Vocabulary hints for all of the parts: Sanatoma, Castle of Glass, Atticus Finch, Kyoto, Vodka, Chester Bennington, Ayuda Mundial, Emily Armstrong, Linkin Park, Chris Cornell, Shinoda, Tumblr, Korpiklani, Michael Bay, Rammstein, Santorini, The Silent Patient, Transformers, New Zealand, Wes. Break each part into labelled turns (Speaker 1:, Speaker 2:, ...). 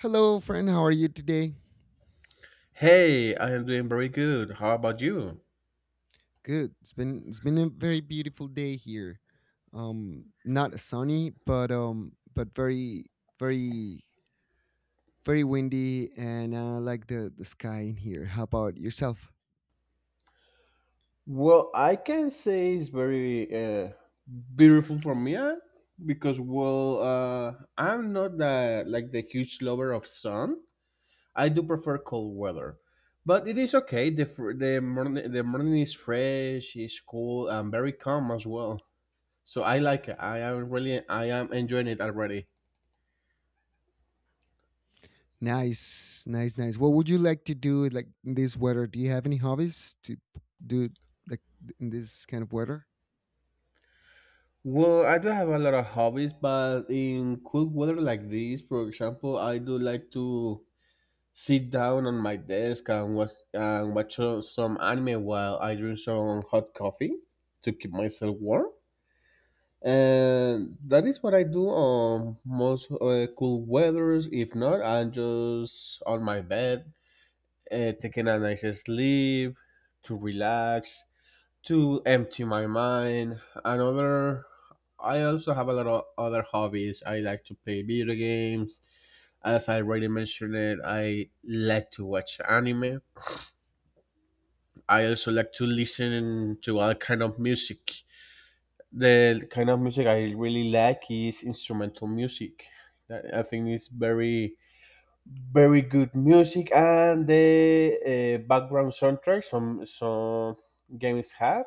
Speaker 1: Hello, friend. How are you today?
Speaker 2: Hey, I am doing very good. How about you?
Speaker 1: Good. It's been a very beautiful day here. Not sunny, but very very windy, and I like the sky in here. How about yourself?
Speaker 2: Well, I can say it's very beautiful for me, eh? Because I'm not the, like the huge lover of sun. I do prefer cold weather, but it is okay. The morning is fresh, it's cool, and very calm as well. So I like it. I am really, I am enjoying it already.
Speaker 1: Nice, nice, nice. What would you like to do like in this weather? Do you have any hobbies to do like in this kind of weather?
Speaker 2: Well, I do have a lot of hobbies, but in cool weather like this, for example, I do like to sit down on my desk and watch some anime while I drink some hot coffee to keep myself warm. And that is what I do on most cool weathers. If not, I'm just on my bed, taking a nice sleep to relax to empty my mind. Another, I also have a lot of other hobbies. I like to play video games. As I already mentioned it, I like to watch anime. I also like to listen to all kind of music. The kind of music I really like is instrumental music. That- I think it's very, very good music, and the background soundtrack some games have.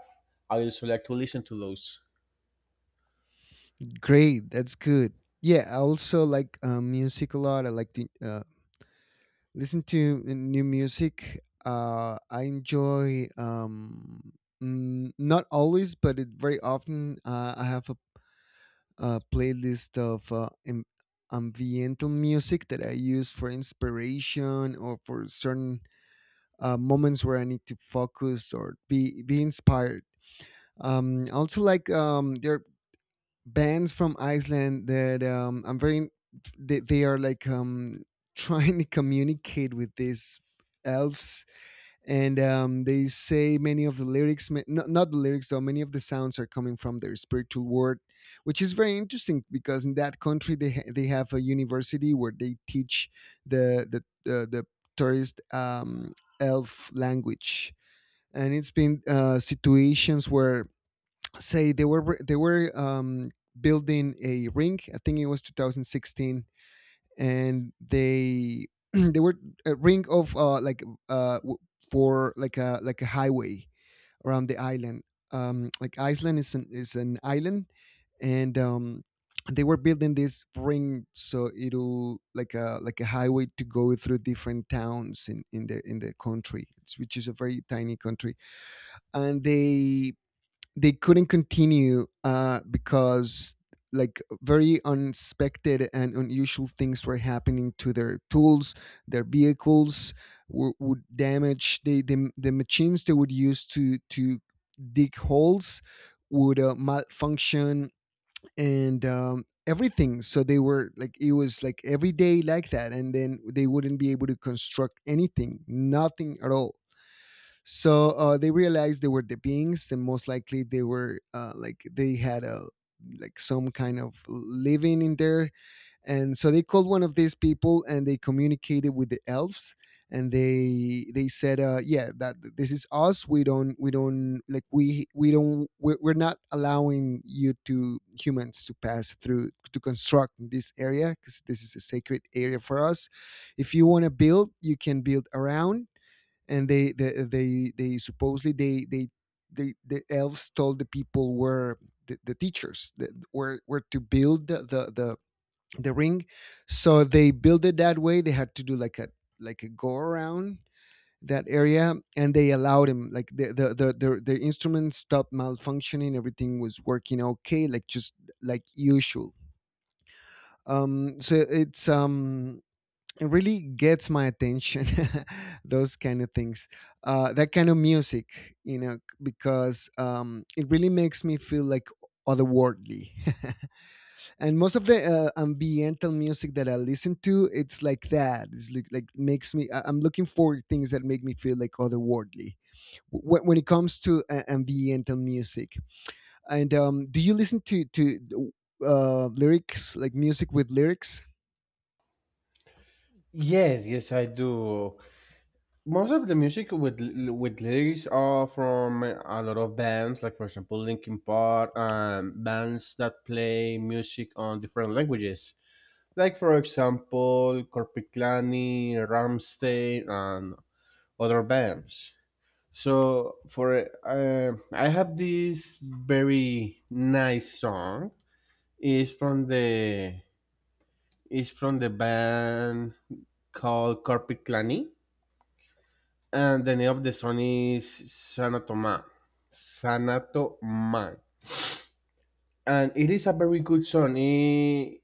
Speaker 2: I also like to listen to those.
Speaker 1: Great, that's good. Yeah, I also like music a lot. I like to listen to new music. I enjoy not always, but it, very often I have a playlist of ambiental music that I use for inspiration or for certain moments where I need to focus or be inspired. I also like there bands from Iceland that I'm very they are like trying to communicate with these elves, and they say many of the lyrics not, not the lyrics, though many of the sounds are coming from their spiritual world, which is very interesting because in that country they have a university where they teach the the, the tourist elf language. And it's been situations where say they were building a ring. I think it was 2016, and they they were a ring of for like a highway around the island. Like Iceland is an island, and they were building this ring so it'll like a highway to go through different towns in the country, which is a very tiny country, and they couldn't continue because like very unexpected and unusual things were happening to their tools, their vehicles. Would damage. They, the machines they would use to dig holes would malfunction, and everything. So they were like it was like every day like that, and then they wouldn't be able to construct anything, nothing at all. So they realized they were the beings, and most likely they were like they had a like some kind of living in there. And so they called one of these people, and they communicated with the elves, and they said, "Yeah, that this is us. We don't like we're not allowing you to humans to pass through to construct this area because this is a sacred area for us. If you want to build, you can build around." And they supposedly they the elves told the people where the teachers that were to build the ring. So they built it that way. They had to do like a go around that area, and they allowed him like the instruments stopped malfunctioning. Everything was working okay, like just like usual. um so it's um it really gets my attention those kind of things, that kind of music, because it really makes me feel like otherworldly. And most of the ambiental music that I listen to, it's like that. It's like makes me I'm looking for things that make me feel like otherworldly when it comes to ambiental music. And do you listen to lyrics, like music with lyrics?
Speaker 2: Yes, yes, I do. Most of the music with with lyrics are from a lot of bands, like for example Linkin Park, bands that play music on different languages, like for example Korpiklani, Ramstein, and other bands. So for I have this very nice song. It's from the it's from the band called Korpiklani, and the name of the song is Sanatoma. Sanatoma. And it is a very good song. It,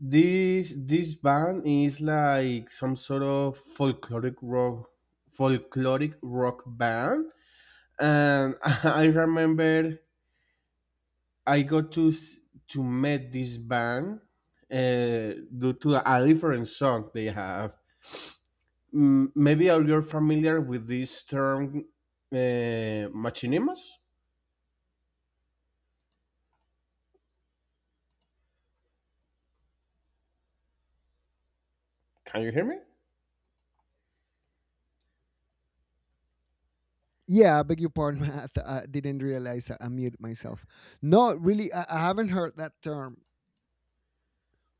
Speaker 2: this band is like some sort of folkloric rock band. And I remember I got to meet this band due to a different song they have. Mm, maybe are you familiar with this term, machinimas. Can you hear me?
Speaker 1: Yeah, I beg your pardon. I didn't realize I muted myself. No, really, I haven't heard that term.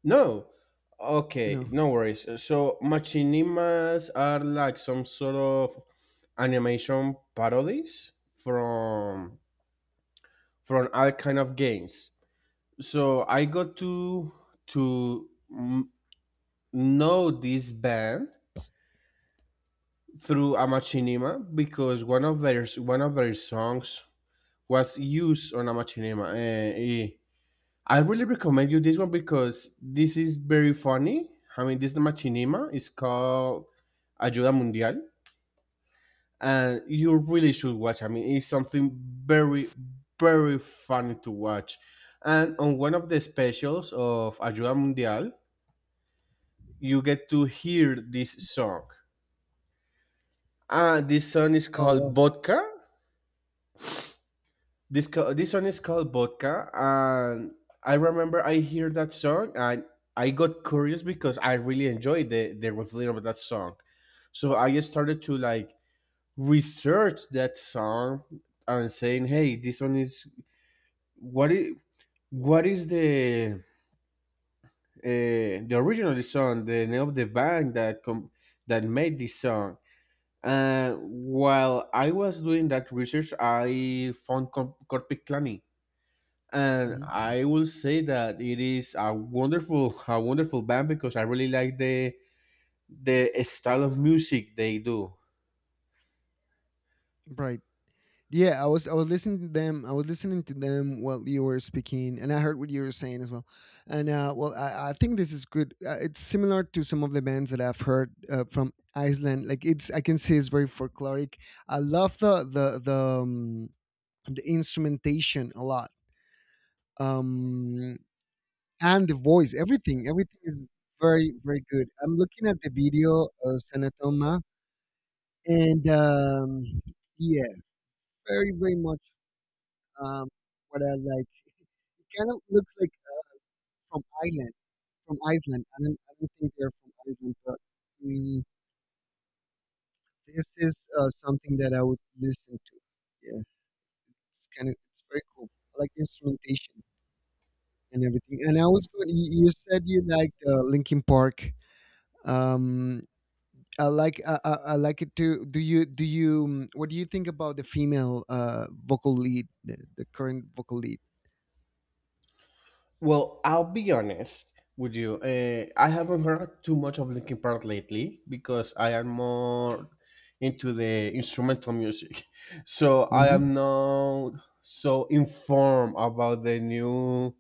Speaker 2: No. Okay,
Speaker 1: No.
Speaker 2: no worries. So machinimas are like some sort of animation parodies from all kind of games. So I got to m- know this band through a machinima because one of their songs was used on a machinima. I really recommend you this one because this is very funny. I mean, this is machinima. It's called Ayuda Mundial, and you really should watch. I mean, it's something very, very funny to watch. And on one of the specials of Ayuda Mundial, you get to hear this song. This song is
Speaker 1: Oh
Speaker 2: called
Speaker 1: wow.
Speaker 2: Vodka. This song is called Vodka, and I remember I hear that song and I got curious because I really enjoyed the rhythm of that song. So I just started to like research that song and saying, "Hey, this one is what is what is the original song, the name of the band that made this song?" And while I was doing that research, I found Corpic Clanny, and
Speaker 1: Hmm.
Speaker 2: I will say that it is a wonderful band because I really like the style of music they do.
Speaker 1: Right. Yeah, I was listening to them. I was listening to them while you were speaking, and I heard what you were saying as well. And well, I think this is good. It's similar to some of the bands that I've heard from Iceland. Like it's, I can say it's very folkloric. I love um, the instrumentation a lot. Um, and the voice, everything, everything is very, very good. I'm looking at the video of Sanatoma, and yeah, very, very much um, what I like. It kind of looks like from Ireland, from Iceland. I don't think they're from Iceland, but mm, this is something that I would listen to. Yeah, it's kind of, it's very cool. I like the instrumentation and everything. And I was going, you said you liked Linkin Park. Um, I like I like it to. Do you what do you think about the female vocal lead, the current vocal lead?
Speaker 2: Well, I'll be honest with you. I haven't heard too much of Linkin Park lately because I am more into the instrumental music. So I
Speaker 1: Mhm.
Speaker 2: am not so informed about the new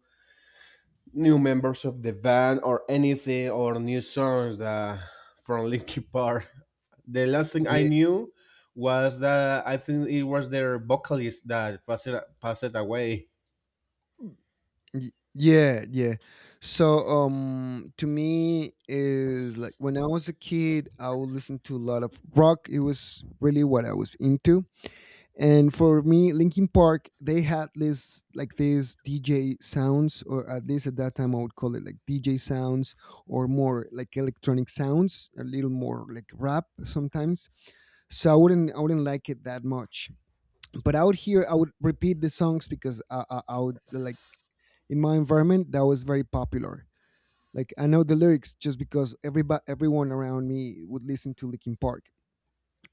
Speaker 2: new members of the band or anything or new songs that from Linkin Park. The last thing I
Speaker 1: Yeah.
Speaker 2: knew was that I think it was their vocalist that passed away.
Speaker 1: Yeah. So to me is like when I was a kid I would listen to a lot of rock. It was really what I was into. And for me, Linkin Park, they had this like this DJ sounds, or at least at that time I would call it like DJ sounds, or more like electronic sounds, a little more like rap sometimes. So I wouldn't like it that much. But out here, I would repeat the songs because I would like in my environment that was very popular. Like I know the lyrics just because everybody everyone around me would listen to Linkin Park,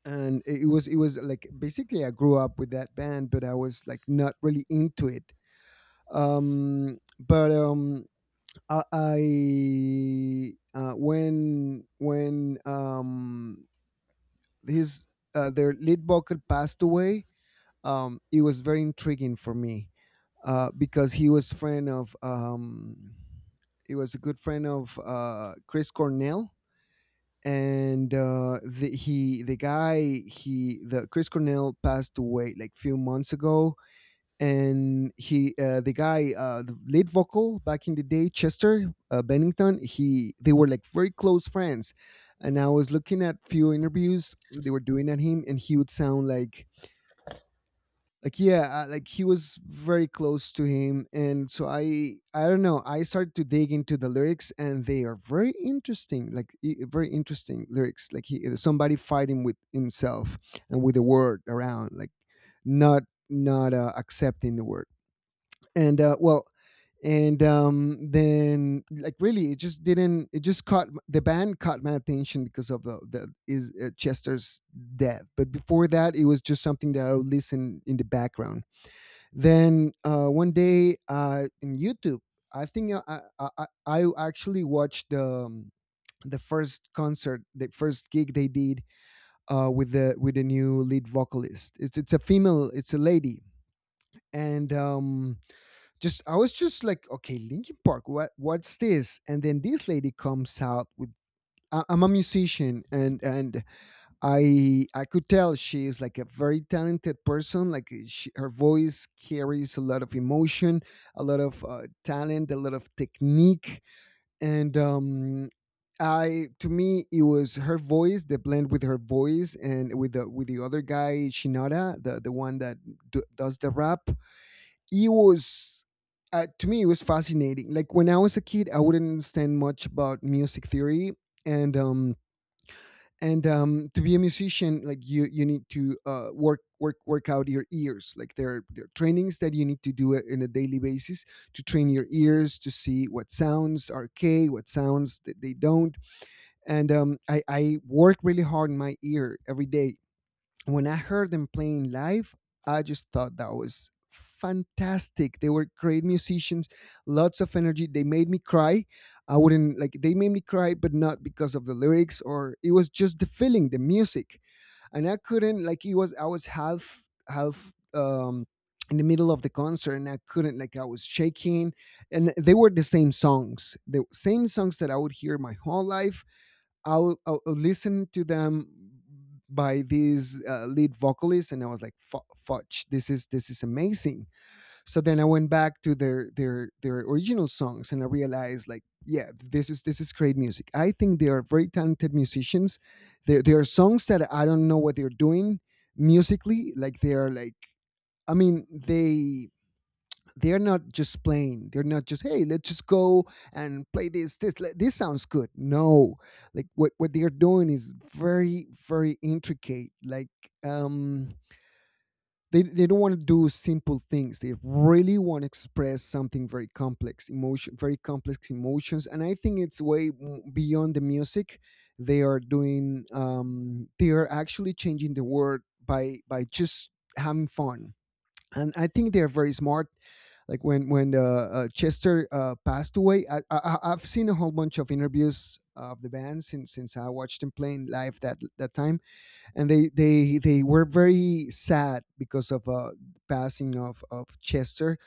Speaker 1: and it was like basically I grew up with that band, but I was like not really into it. Um, but um, I when his their lead vocal passed away, it was very intriguing for me because he was friend of he was a good friend of Chris Cornell. And the, he the guy he the Chris Cornell passed away like few months ago, and he the guy the lead vocal back in the day, Chester Bennington, he they were like very close friends, and I was looking at few interviews they were doing at him, and he would sound like yeah, like he was very close to him. And so I don't know, I started to dig into the lyrics, and they are very interesting, like very interesting lyrics, like he somebody fighting with himself and with the word around, like not, not accepting the word. And well. And then like really it just didn't it just caught the band, caught my attention because of the is Chester's death. But before that, it was just something that I would listen in the background. Then one day, in YouTube, I think I actually watched the first concert, the first gig they did with the new lead vocalist. It's a female, it's a lady. And just I was just like, okay, Linkin Park, what's this? And then this lady comes out with. I'm a musician, and I could tell she is like a very talented person. Like she, her voice carries a lot of emotion, a lot of talent, a lot of technique. And I, to me, it was her voice, the blend with her voice and with the other guy Shinoda, the one that does the rap. It was to me it was fascinating. Like when I was a kid, I wouldn't understand much about music theory. and um, and to be a musician, like you need to work out your ears. Like there are trainings that you need to do it in a daily basis to train your ears to see what sounds are okay, what sounds that they don't. And I work really hard in my ear every day. When I heard them playing live, I just thought that was fantastic. They were great musicians, lots of energy. They made me cry. I wouldn't like they made me cry, but not because of the lyrics, or it was just the feeling, the music. And I couldn't, like, it was, I was half in the middle of the concert, and I couldn't, like, I was shaking. And they were the same songs. The same songs that I would hear my whole life. I'll listen to them by these lead vocalists, and I was like, "Fudge! This is amazing." So then I went back to their original songs, and I realized, like, yeah, this is great music. I think they are very talented musicians. There are songs that I don't know what they're doing musically. Like they are like, I mean, they they're not just playing, they're not just, hey, let's just go and play this this sounds good. No, like what they're doing is very intricate. Like, um they don't want to do simple things. They really want to express something very complex emotion very complex emotions, and I think it's way beyond the music they are doing. They are actually changing the world by just having fun, and I think they're very smart. Like, when Chester passed away, I have seen a whole bunch of interviews of the band since I watched them playing live that time, and they were very sad because of passing of Chester,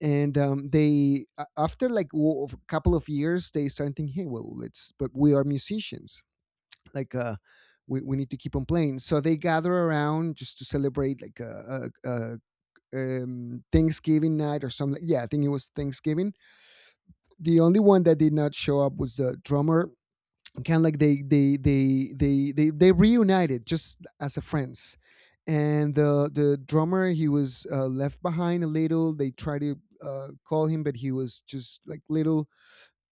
Speaker 1: and after like a couple of years they started thinking, hey, well, let's, but we are musicians, like, we need to keep on playing. So they gather around just to celebrate like a Thanksgiving night or something. Yeah, I think it was Thanksgiving. The only one that did not show up was the drummer. Kind of like they reunited just as a friends, and the drummer, he was left behind a little. They tried to call him, but he was just like little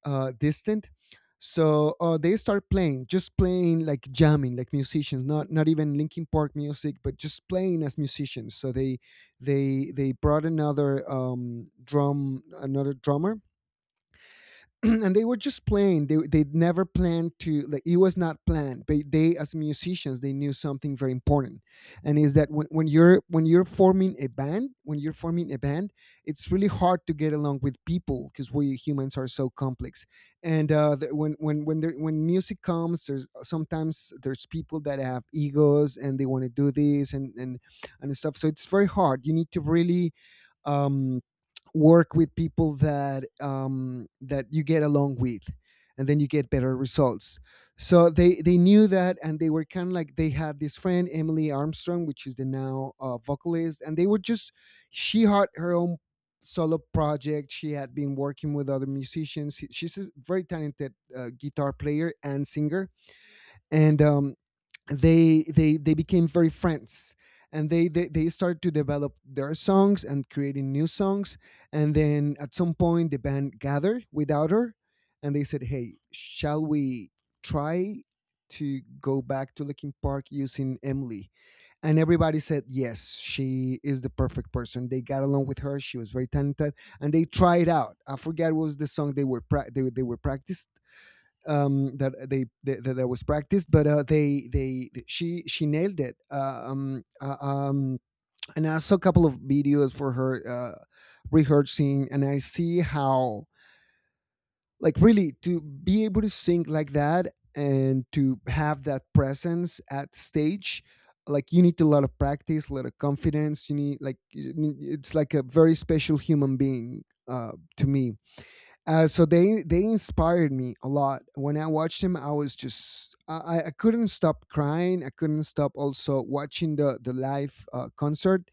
Speaker 1: distant. So they start playing, just playing, like jamming, like musicians, not even Linkin Park music, but just playing as musicians. So they brought another another drummer, and they were just playing. They never planned to, like, it was not planned. But they, as musicians, they knew something very important, and is that when you're forming a band, when you're forming a band, it's really hard to get along with people because we humans are so complex. And when music comes, there's sometimes there's people that have egos and they want to do this and and stuff. So it's very hard. You need to really um work with people that that you get along with, and then you get better results. So they knew that, and they were kind of like, they had this friend Emily Armstrong, which is the now vocalist, and they were just, she had her own solo project. She had been working with other musicians. She's a very talented guitar player and singer, and they became very friends, and they started to develop their songs and creating new songs. And then at some point, the band gathered without her, and they said, hey, shall we try to go back to Linkin Park using Emily? And everybody said yes. She is the perfect person. They got along with her. She was very talented. And they tried out, I forget what was the song they were pra- they were practiced, that they that, was practiced, but they she nailed it. And I saw a couple of videos for her rehearsing, and I see how, like, really, to be able to sing like that and to have that presence at stage, like, you need a lot of practice, a lot of confidence. You need, like, it's like a very special human being, to me. So they inspired me a lot. When I watched him, I was just, I couldn't stop crying. I couldn't stop also watching the live concert,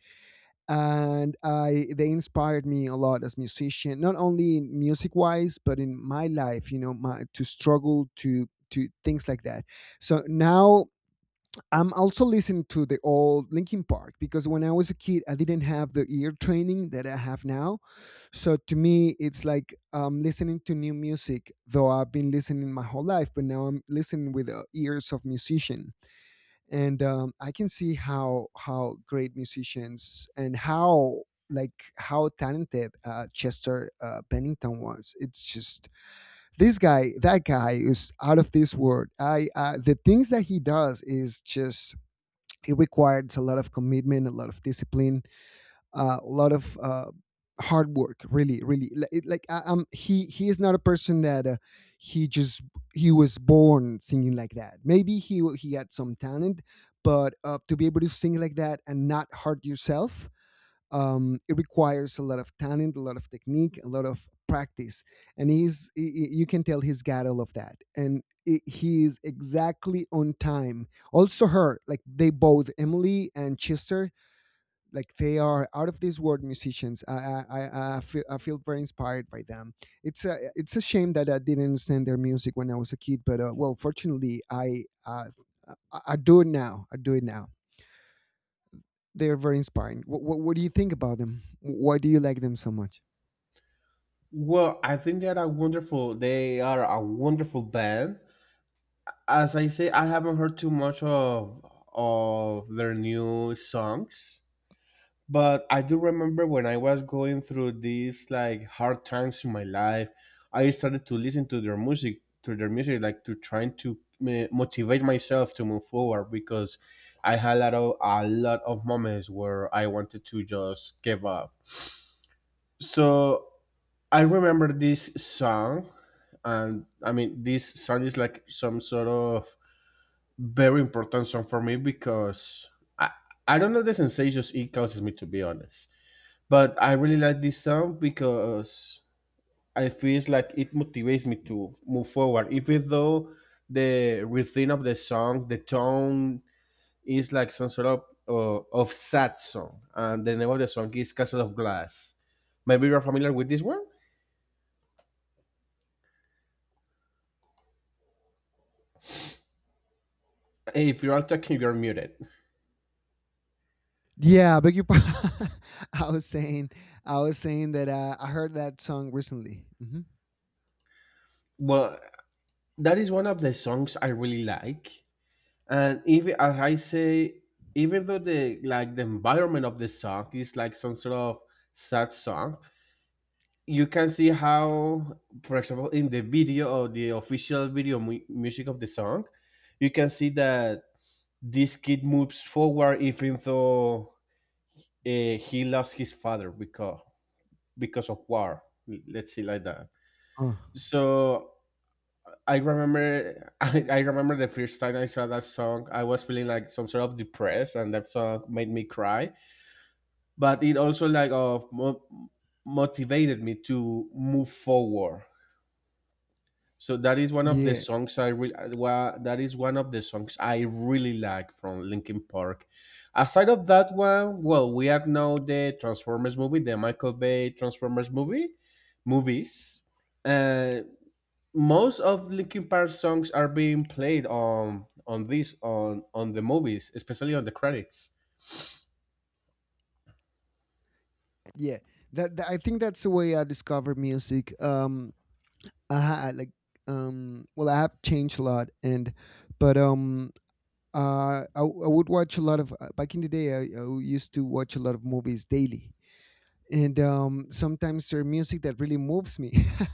Speaker 1: and I they inspired me a lot as musician. Not only music wise, but in my life, you know, my to struggle to things like that. So now I'm also listening to the old Linkin Park, because when I was a kid, I didn't have the ear training that I have now. So to me, it's like, listening to new music, though I've been listening my whole life, but now I'm listening with the ears of musician, and I can see how, great musicians, and how, like, how talented Chester Bennington was. It's just, this guy, that guy is out of this world. I The things that he does is just, it requires a lot of commitment, a lot of discipline, a lot of hard work, really, like, he is not a person that he just he was born singing like that. Maybe he he had some talent, but to be able to sing like that and not hurt yourself, it requires a lot of talent, a lot of technique, a lot of practice. And you can tell he's got all of that. And I he is exactly on time. Also her, like, they both, Emily and Chester, like, they are out of this world musicians. I feel, I feel very inspired by them. It's a, it's a shame that I didn't understand their music when I was a kid, but well, fortunately, I do it now. I do it now. They are very inspiring. What do you think about them? Why do you like them so much?
Speaker 2: Well, I think they are a wonderful. They are a wonderful band. As I say, I haven't heard too much of their new songs. But I do remember when I was going through these like hard times in my life, I started to listen to their music, like to trying to motivate myself to move forward because I had a lot of moments where I wanted to just give up. So I remember this song, and I mean this song is like some sort of very important song for me because I I don't know the sensations it causes me to be honest, but I really like this song because I feel like it motivates me to move forward. Even though the rhythm of the song, the tone is like some sort of sad song, and the name of the song is Castle of Glass. Maybe you're familiar with this one. If you are talking, you're muted.
Speaker 1: Yeah, beg your pardon. I was saying, I was saying that I heard that song recently. Hmm.
Speaker 2: Well, that is one of the songs I really like, and even as I say, even though the like the environment of the song is like some sort of sad song, you can see how, for example, in the video or the official video music of the song, you can see that this kid moves forward even though he lost his father because of war. Let's see like that.
Speaker 1: Oh,
Speaker 2: So I remember I remember the first time I saw that song, I was feeling like some sort of depressed, and that song made me cry. But it also like of motivated me to move forward. So that is one of the
Speaker 1: yeah,
Speaker 2: songs I really that is one of the songs I really like from Linkin Park. Aside of that one, well, we have now the Transformers movie, the Michael Bay Transformers movies. Uh, most of Linkin Park songs are being played on this on the movies, especially on the credits.
Speaker 1: yeah. I think that's the way I discovered music. I ha- like, well, I have changed a lot, and but I would watch a lot of back in the day. I used to watch a lot of movies daily. And sometimes there's music that really moves me,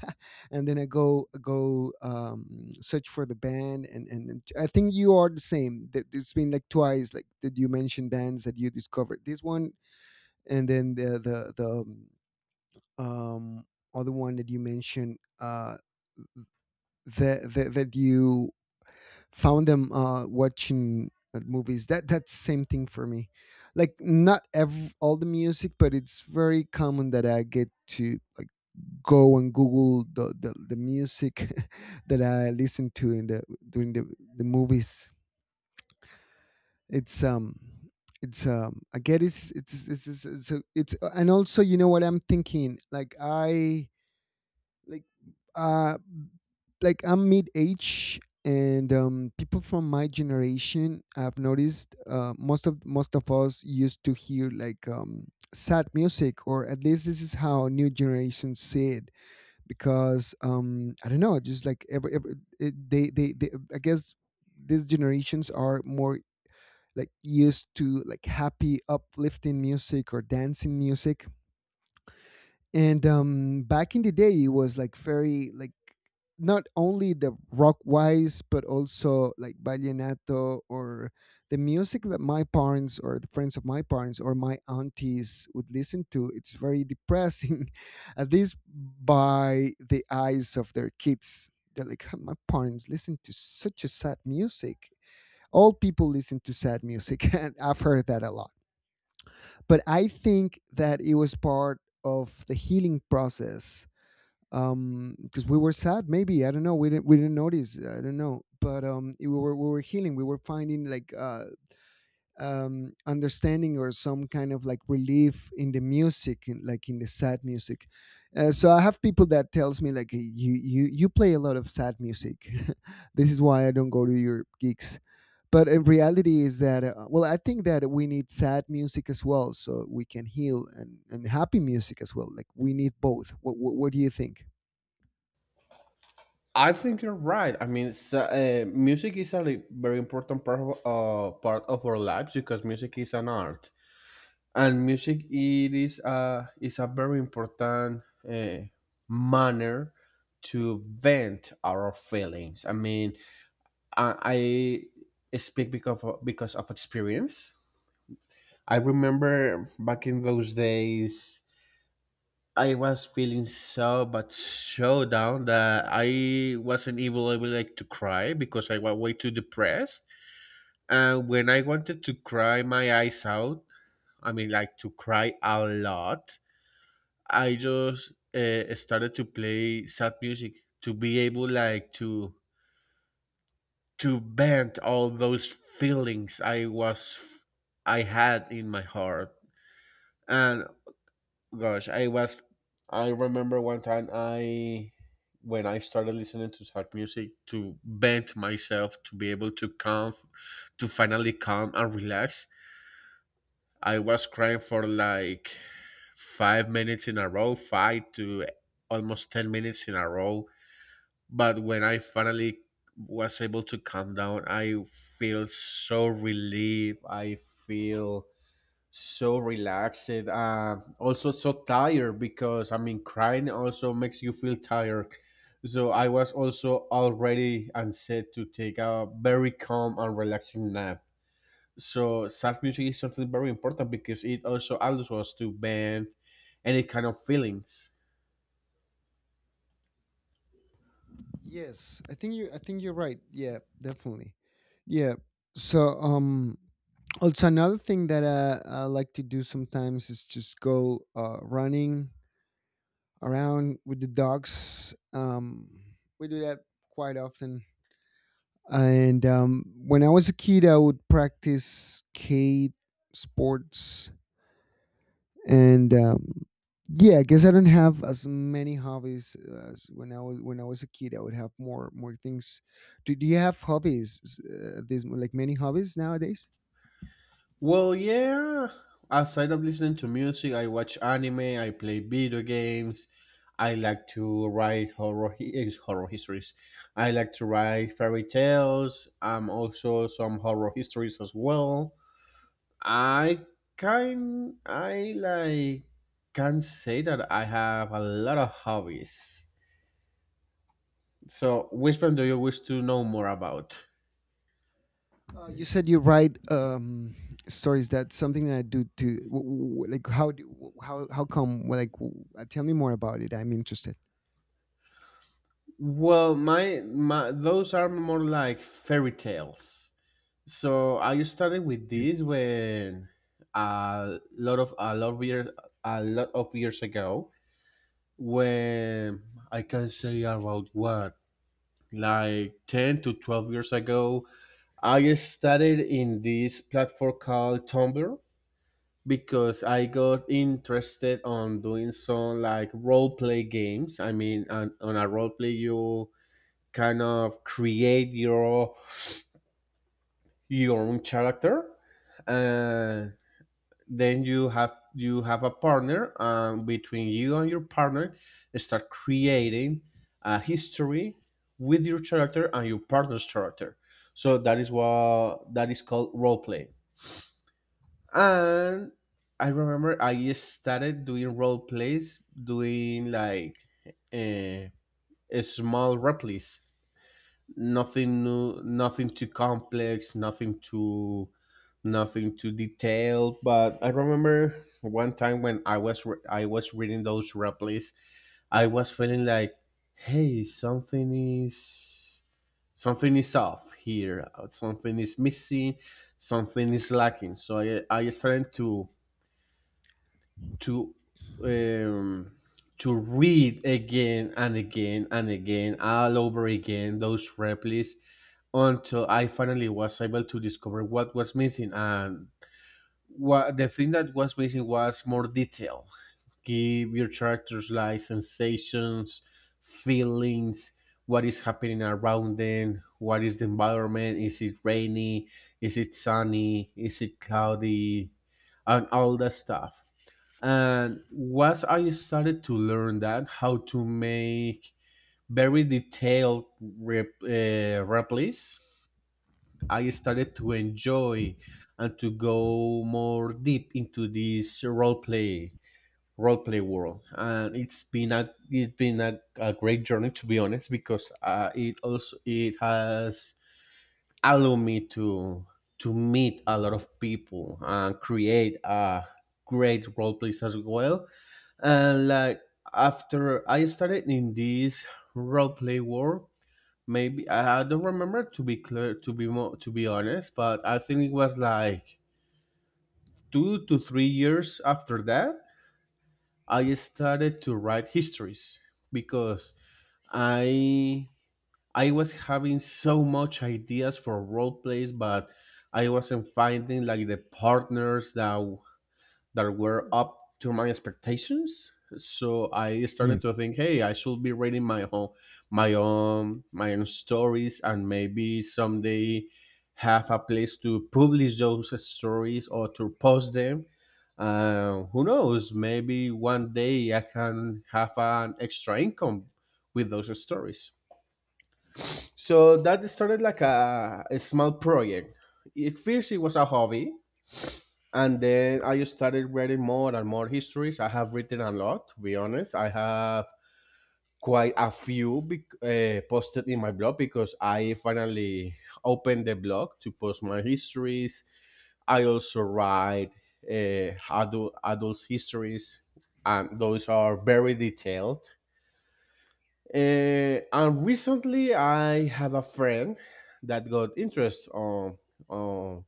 Speaker 1: and then I go search for the band. And and I think you are the same, that it's been like twice like that, you mentioned bands that you discovered this one, and then the um, other one that you mentioned that you found them watching movies. That that's same thing for me. Like, not ev all the music, but it's very common that I get to, like, go and Google the music that I listen to in the during the, the movies. It's um it's I get it's, a- it's And also, you know what I'm thinking, like, I like uh like I'm mid age, and people from my generation, I've noticed most of us used to hear, like, sad music, or at least this is how new generations see it, because I don't know, just like every it, they I guess these generations are more, like, used to, like, happy uplifting music or dancing music, and back in the day it was, like, very, like, not only the rock wise, but also, like, vallenato, or the music that my parents or the friends of my parents or my aunties would listen to, it's very depressing. At least by the eyes of their kids, they're like, "Huh, my parents listen to such a sad music, all people listen to sad music." And I've heard that a lot. But I think that it was part of the healing process. Because we were sad, maybe, I don't know, we didn't, we didn't notice, I don't know, but we were, we were healing. We were finding like understanding, or some kind of like relief in the music, like, in the sad music. So I have people that tells me like, "Hey, you you play a lot of sad music. This is why I don't go to your gigs." But in reality is that well, I think that we need sad music as well so we can heal, and happy music as well. Like, we need both. What do you think?
Speaker 2: I think you're right. I mean, so, music is very important part of our lives because music is an art. And music it is a very important uh, manner to vent our feelings. I mean, i, I speak because of experience. I remember back in those days I was feeling so but so down that I wasn't able like to cry because I was way too depressed. And when I wanted to cry my eyes out, I mean like to cry a lot, I just started to play sad music to be able like to vent all those feelings I had in my heart. And gosh, I remember one time I when I started listening to sad music to vent myself to be able to calm to finally calm and relax. I was crying for like five minutes in a row, five to almost ten minutes in a row. But when I finally was able to calm down, I feel so relieved. I feel so relaxed. Also, so tired because I mean, crying also makes you feel tired. So I was also already and set to take a very calm and relaxing nap. So sad music is something very important because it also allows us to bend any kind of feelings.
Speaker 1: I think you're right. Yeah, definitely. Yeah. So, also another thing that I like to do sometimes is just go running around with the dogs. We do that quite often. And when I was a kid, I would practice skate sports. And yeah, I guess I don't have as many hobbies as when I was a kid. I would have more things. Do you have hobbies? These like many hobbies nowadays?
Speaker 2: Well, yeah. Aside of listening to music, I watch anime, I play video games, I like to write horror, horror histories. I like to write fairy tales. I'm also some horror histories as well. I I like can say that I have a lot of hobbies. So, which one do you wish to know more about?
Speaker 1: You said you write stories. That's something that I do too. Like, how do how come? Tell me more about it. I'm interested.
Speaker 2: Well, my those are more like fairy tales. So I started with
Speaker 1: Yeah,
Speaker 2: this when a lot of a lot of years a lot of years ago when I can say about what like 10 to 12 years ago. I started in this platform called Tumblr because I got interested on doing some like role play games. I mean on a role play you kind of create your own character uh. Then you have a partner, and between you and your partner start creating a history with your character and your partner's character. So that is what that is called role play. And I remember I started doing role plays doing like uh, small replies, nothing new, nothing too complex, nothing too detailed. But I remember one time when I was reading those replies, I was feeling like, hey, something is off here, something is missing, something is lacking. So I started to um to read again and again and again all over again those replies until I finally was able to discover what was missing. And what the thing that was missing was more detail. Give your characters like sensations, feelings, what is happening around them, what is the environment, is it rainy, is it sunny, is it cloudy, and all that stuff. And once I started to learn that, how to make very detailed replies, I started to enjoy and to go more deep into this role play world. And it's been a great journey, to be honest, because it also it has allowed me to meet a lot of people and create a great role plays as well. And like after I started in this role play world, maybe I don't remember, to be clear, to be more to be honest, but I think it was like 2 to 3 years after that I started to write histories, because I I was having so much ideas for role plays, but I wasn't finding like the partners that were up to my expectations. So I
Speaker 1: yeah.
Speaker 2: started to think, hey, I should be reading my own, my own stories, and maybe someday have a place to publish those stories or to post them. Who knows? Maybe one day I can have an extra income with those stories. So that started like a small project. At first, it was a hobby, and then I started reading more and more histories. I have written a lot, to be honest. I have quite a few posted in my blog, because I finally opened the blog to post my histories. I also write adults histories, and those are very detailed. And recently I have a friend that got interest on on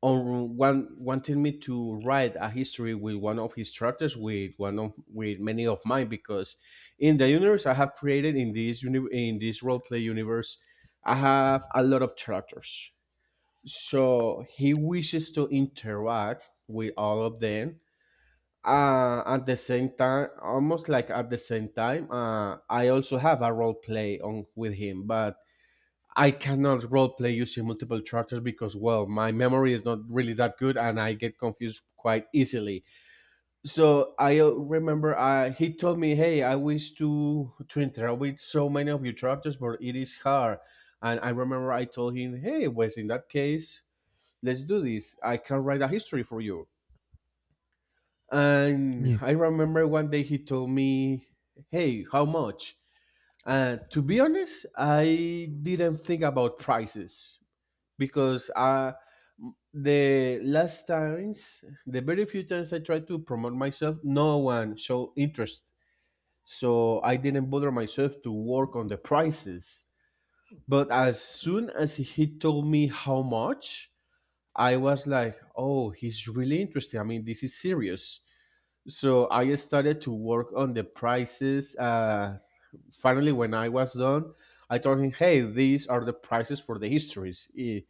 Speaker 2: one, wanted me to write a history with one of his chapters, with one of, with many of mine, because in the universe I have created in in this roleplay universe, I have a lot of characters. So he wishes to interact with all of them. At the same time, almost like at the same time, I also have a role play on with him, but I cannot roleplay using multiple characters because, well, my memory is not really that good and I get confused quite easily. So I remember, he told me, "Hey, I wish to interact with so many of your characters, but it is hard." And I remember I told him, "Hey, Wes, in that case, let's do this. I can write a history for you." And
Speaker 1: Yeah.
Speaker 2: I remember one day he told me, "Hey, how much?" To be honest, I didn't think about prices because the last times, the very few times I tried to promote myself, no one showed interest. So I didn't bother myself to work on the prices. But as soon as he told me how much, I was like, oh, he's really interested. I mean, this is serious. So I started to work on the prices. Finally, when I was done, I told him, "Hey, these are the prices for the histories. Eh,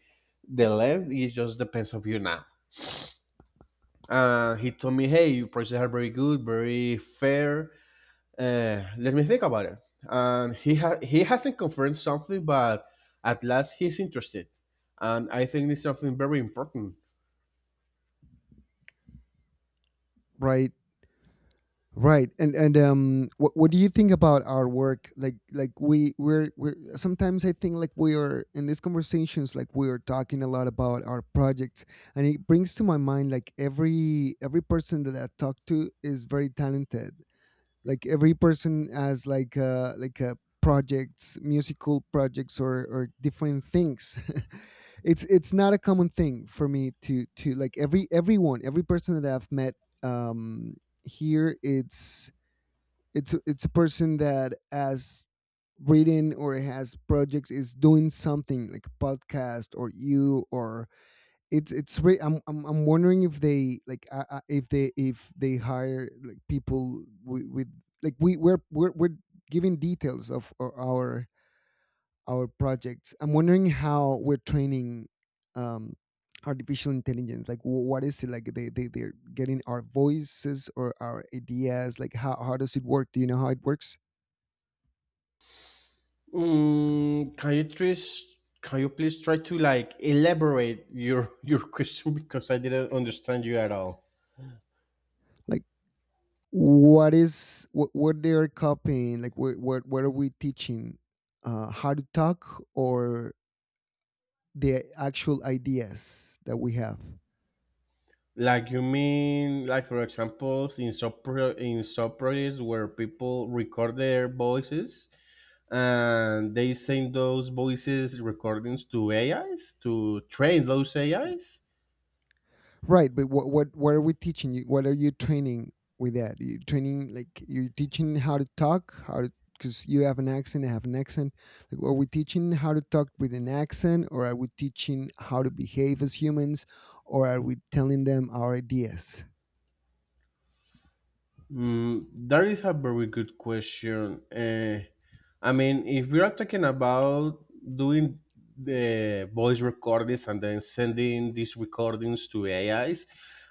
Speaker 2: the length it just depends on you now." He told me, "Hey, your prices are very good, very fair. Let me think about it." And he hasn't confirmed something, but at last he's interested, and I think it's something very important.
Speaker 1: Right. Right, and what do you think about our work? Like we're sometimes I think, like, we are in these conversations, like, we are talking a lot about our projects, and it brings to my mind, like, every person that I talk to is very talented. Like, every person has, like, projects, musical projects, or different things. It's not a common thing for me to like, every, everyone, every person that I've met, um here, it's a person that has written or has projects, is doing something like a podcast, or you, or it's, I'm, I'm wondering if they like, if they, if they hire like people with, like, we we're, we're giving details of our projects. I'm wondering how we're training um artificial intelligence. Like, what is it like? They're getting our voices or our ideas? Like, how does it work? Do you know how it works?
Speaker 2: Mm, can you please try to like elaborate your your question, because I didn't understand you at all.
Speaker 1: Like, what is what they're copying? Like, what what are we teaching? How to talk, or the actual ideas that we have?
Speaker 2: Like you mean, like for example, in in sub projects where people record their voices and they send those voices recordings to AIs to train those AIs.
Speaker 1: Right, but what what are we teaching you? What are you training with that? You're training, like, you're teaching how to talk, how to, because you have an accent, I have an accent. Like, are we teaching how to talk with an accent, or are we teaching how to behave as humans, or are we telling them our ideas?
Speaker 2: Mm, that is a very good question. I mean, if we are talking about doing the voice recordings and then sending these recordings to AIs,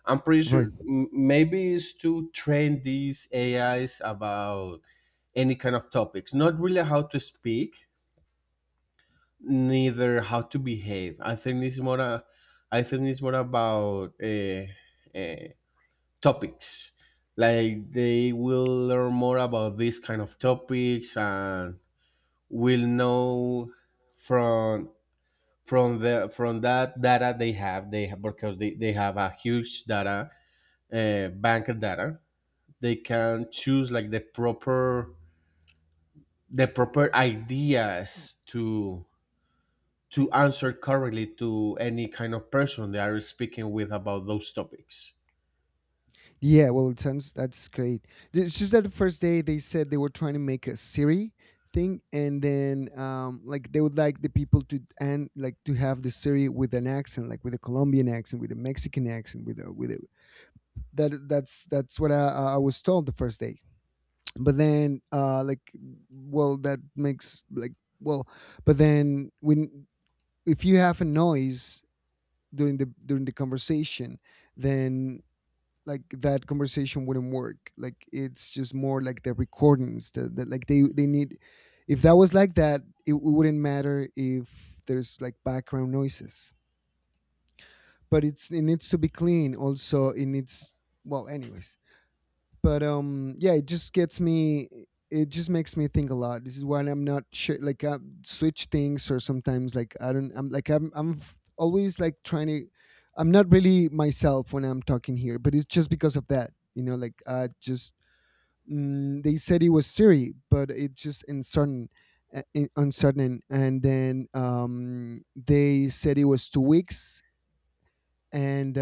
Speaker 2: I'm pretty sure
Speaker 1: Right.
Speaker 2: maybe it's to train these AIs about any kind of topics, not really how to speak, neither how to behave. I think I think it's more about uh, topics, like they will learn more about these kind of topics and will know from the from that data they have, because they have a huge data bank of data. They can choose like the proper, the proper ideas to answer correctly to any kind of person they are speaking with about those topics.
Speaker 1: Yeah, well, it sounds, that's great. It's just that the first day they said they were trying to make a Siri thing, and then like they would like the people to, and like to have the Siri with an accent, like with a Colombian accent, with a Mexican accent, with a that's that's what I was told the first day. But then like, well, that makes like, well, but then when, if you have a noise during the during the conversation, then, like, that conversation wouldn't work. Like, it's just more like the recordings that, that like, they need, if that was like that, it wouldn't matter if there's like background noises. But it's, it needs to be clean, also it needs, well, anyways, but yeah, it just gets me, it just makes me think a lot. This is why I'm not sure, like, I switch things, or sometimes like, I don't, I'm like, I'm always like trying to, I'm not really myself when I'm talking here, but it's just because of that, you know, like, I just, they said it was Siri, but it's just uncertain, uncertain. And then they said it was 2 weeks, and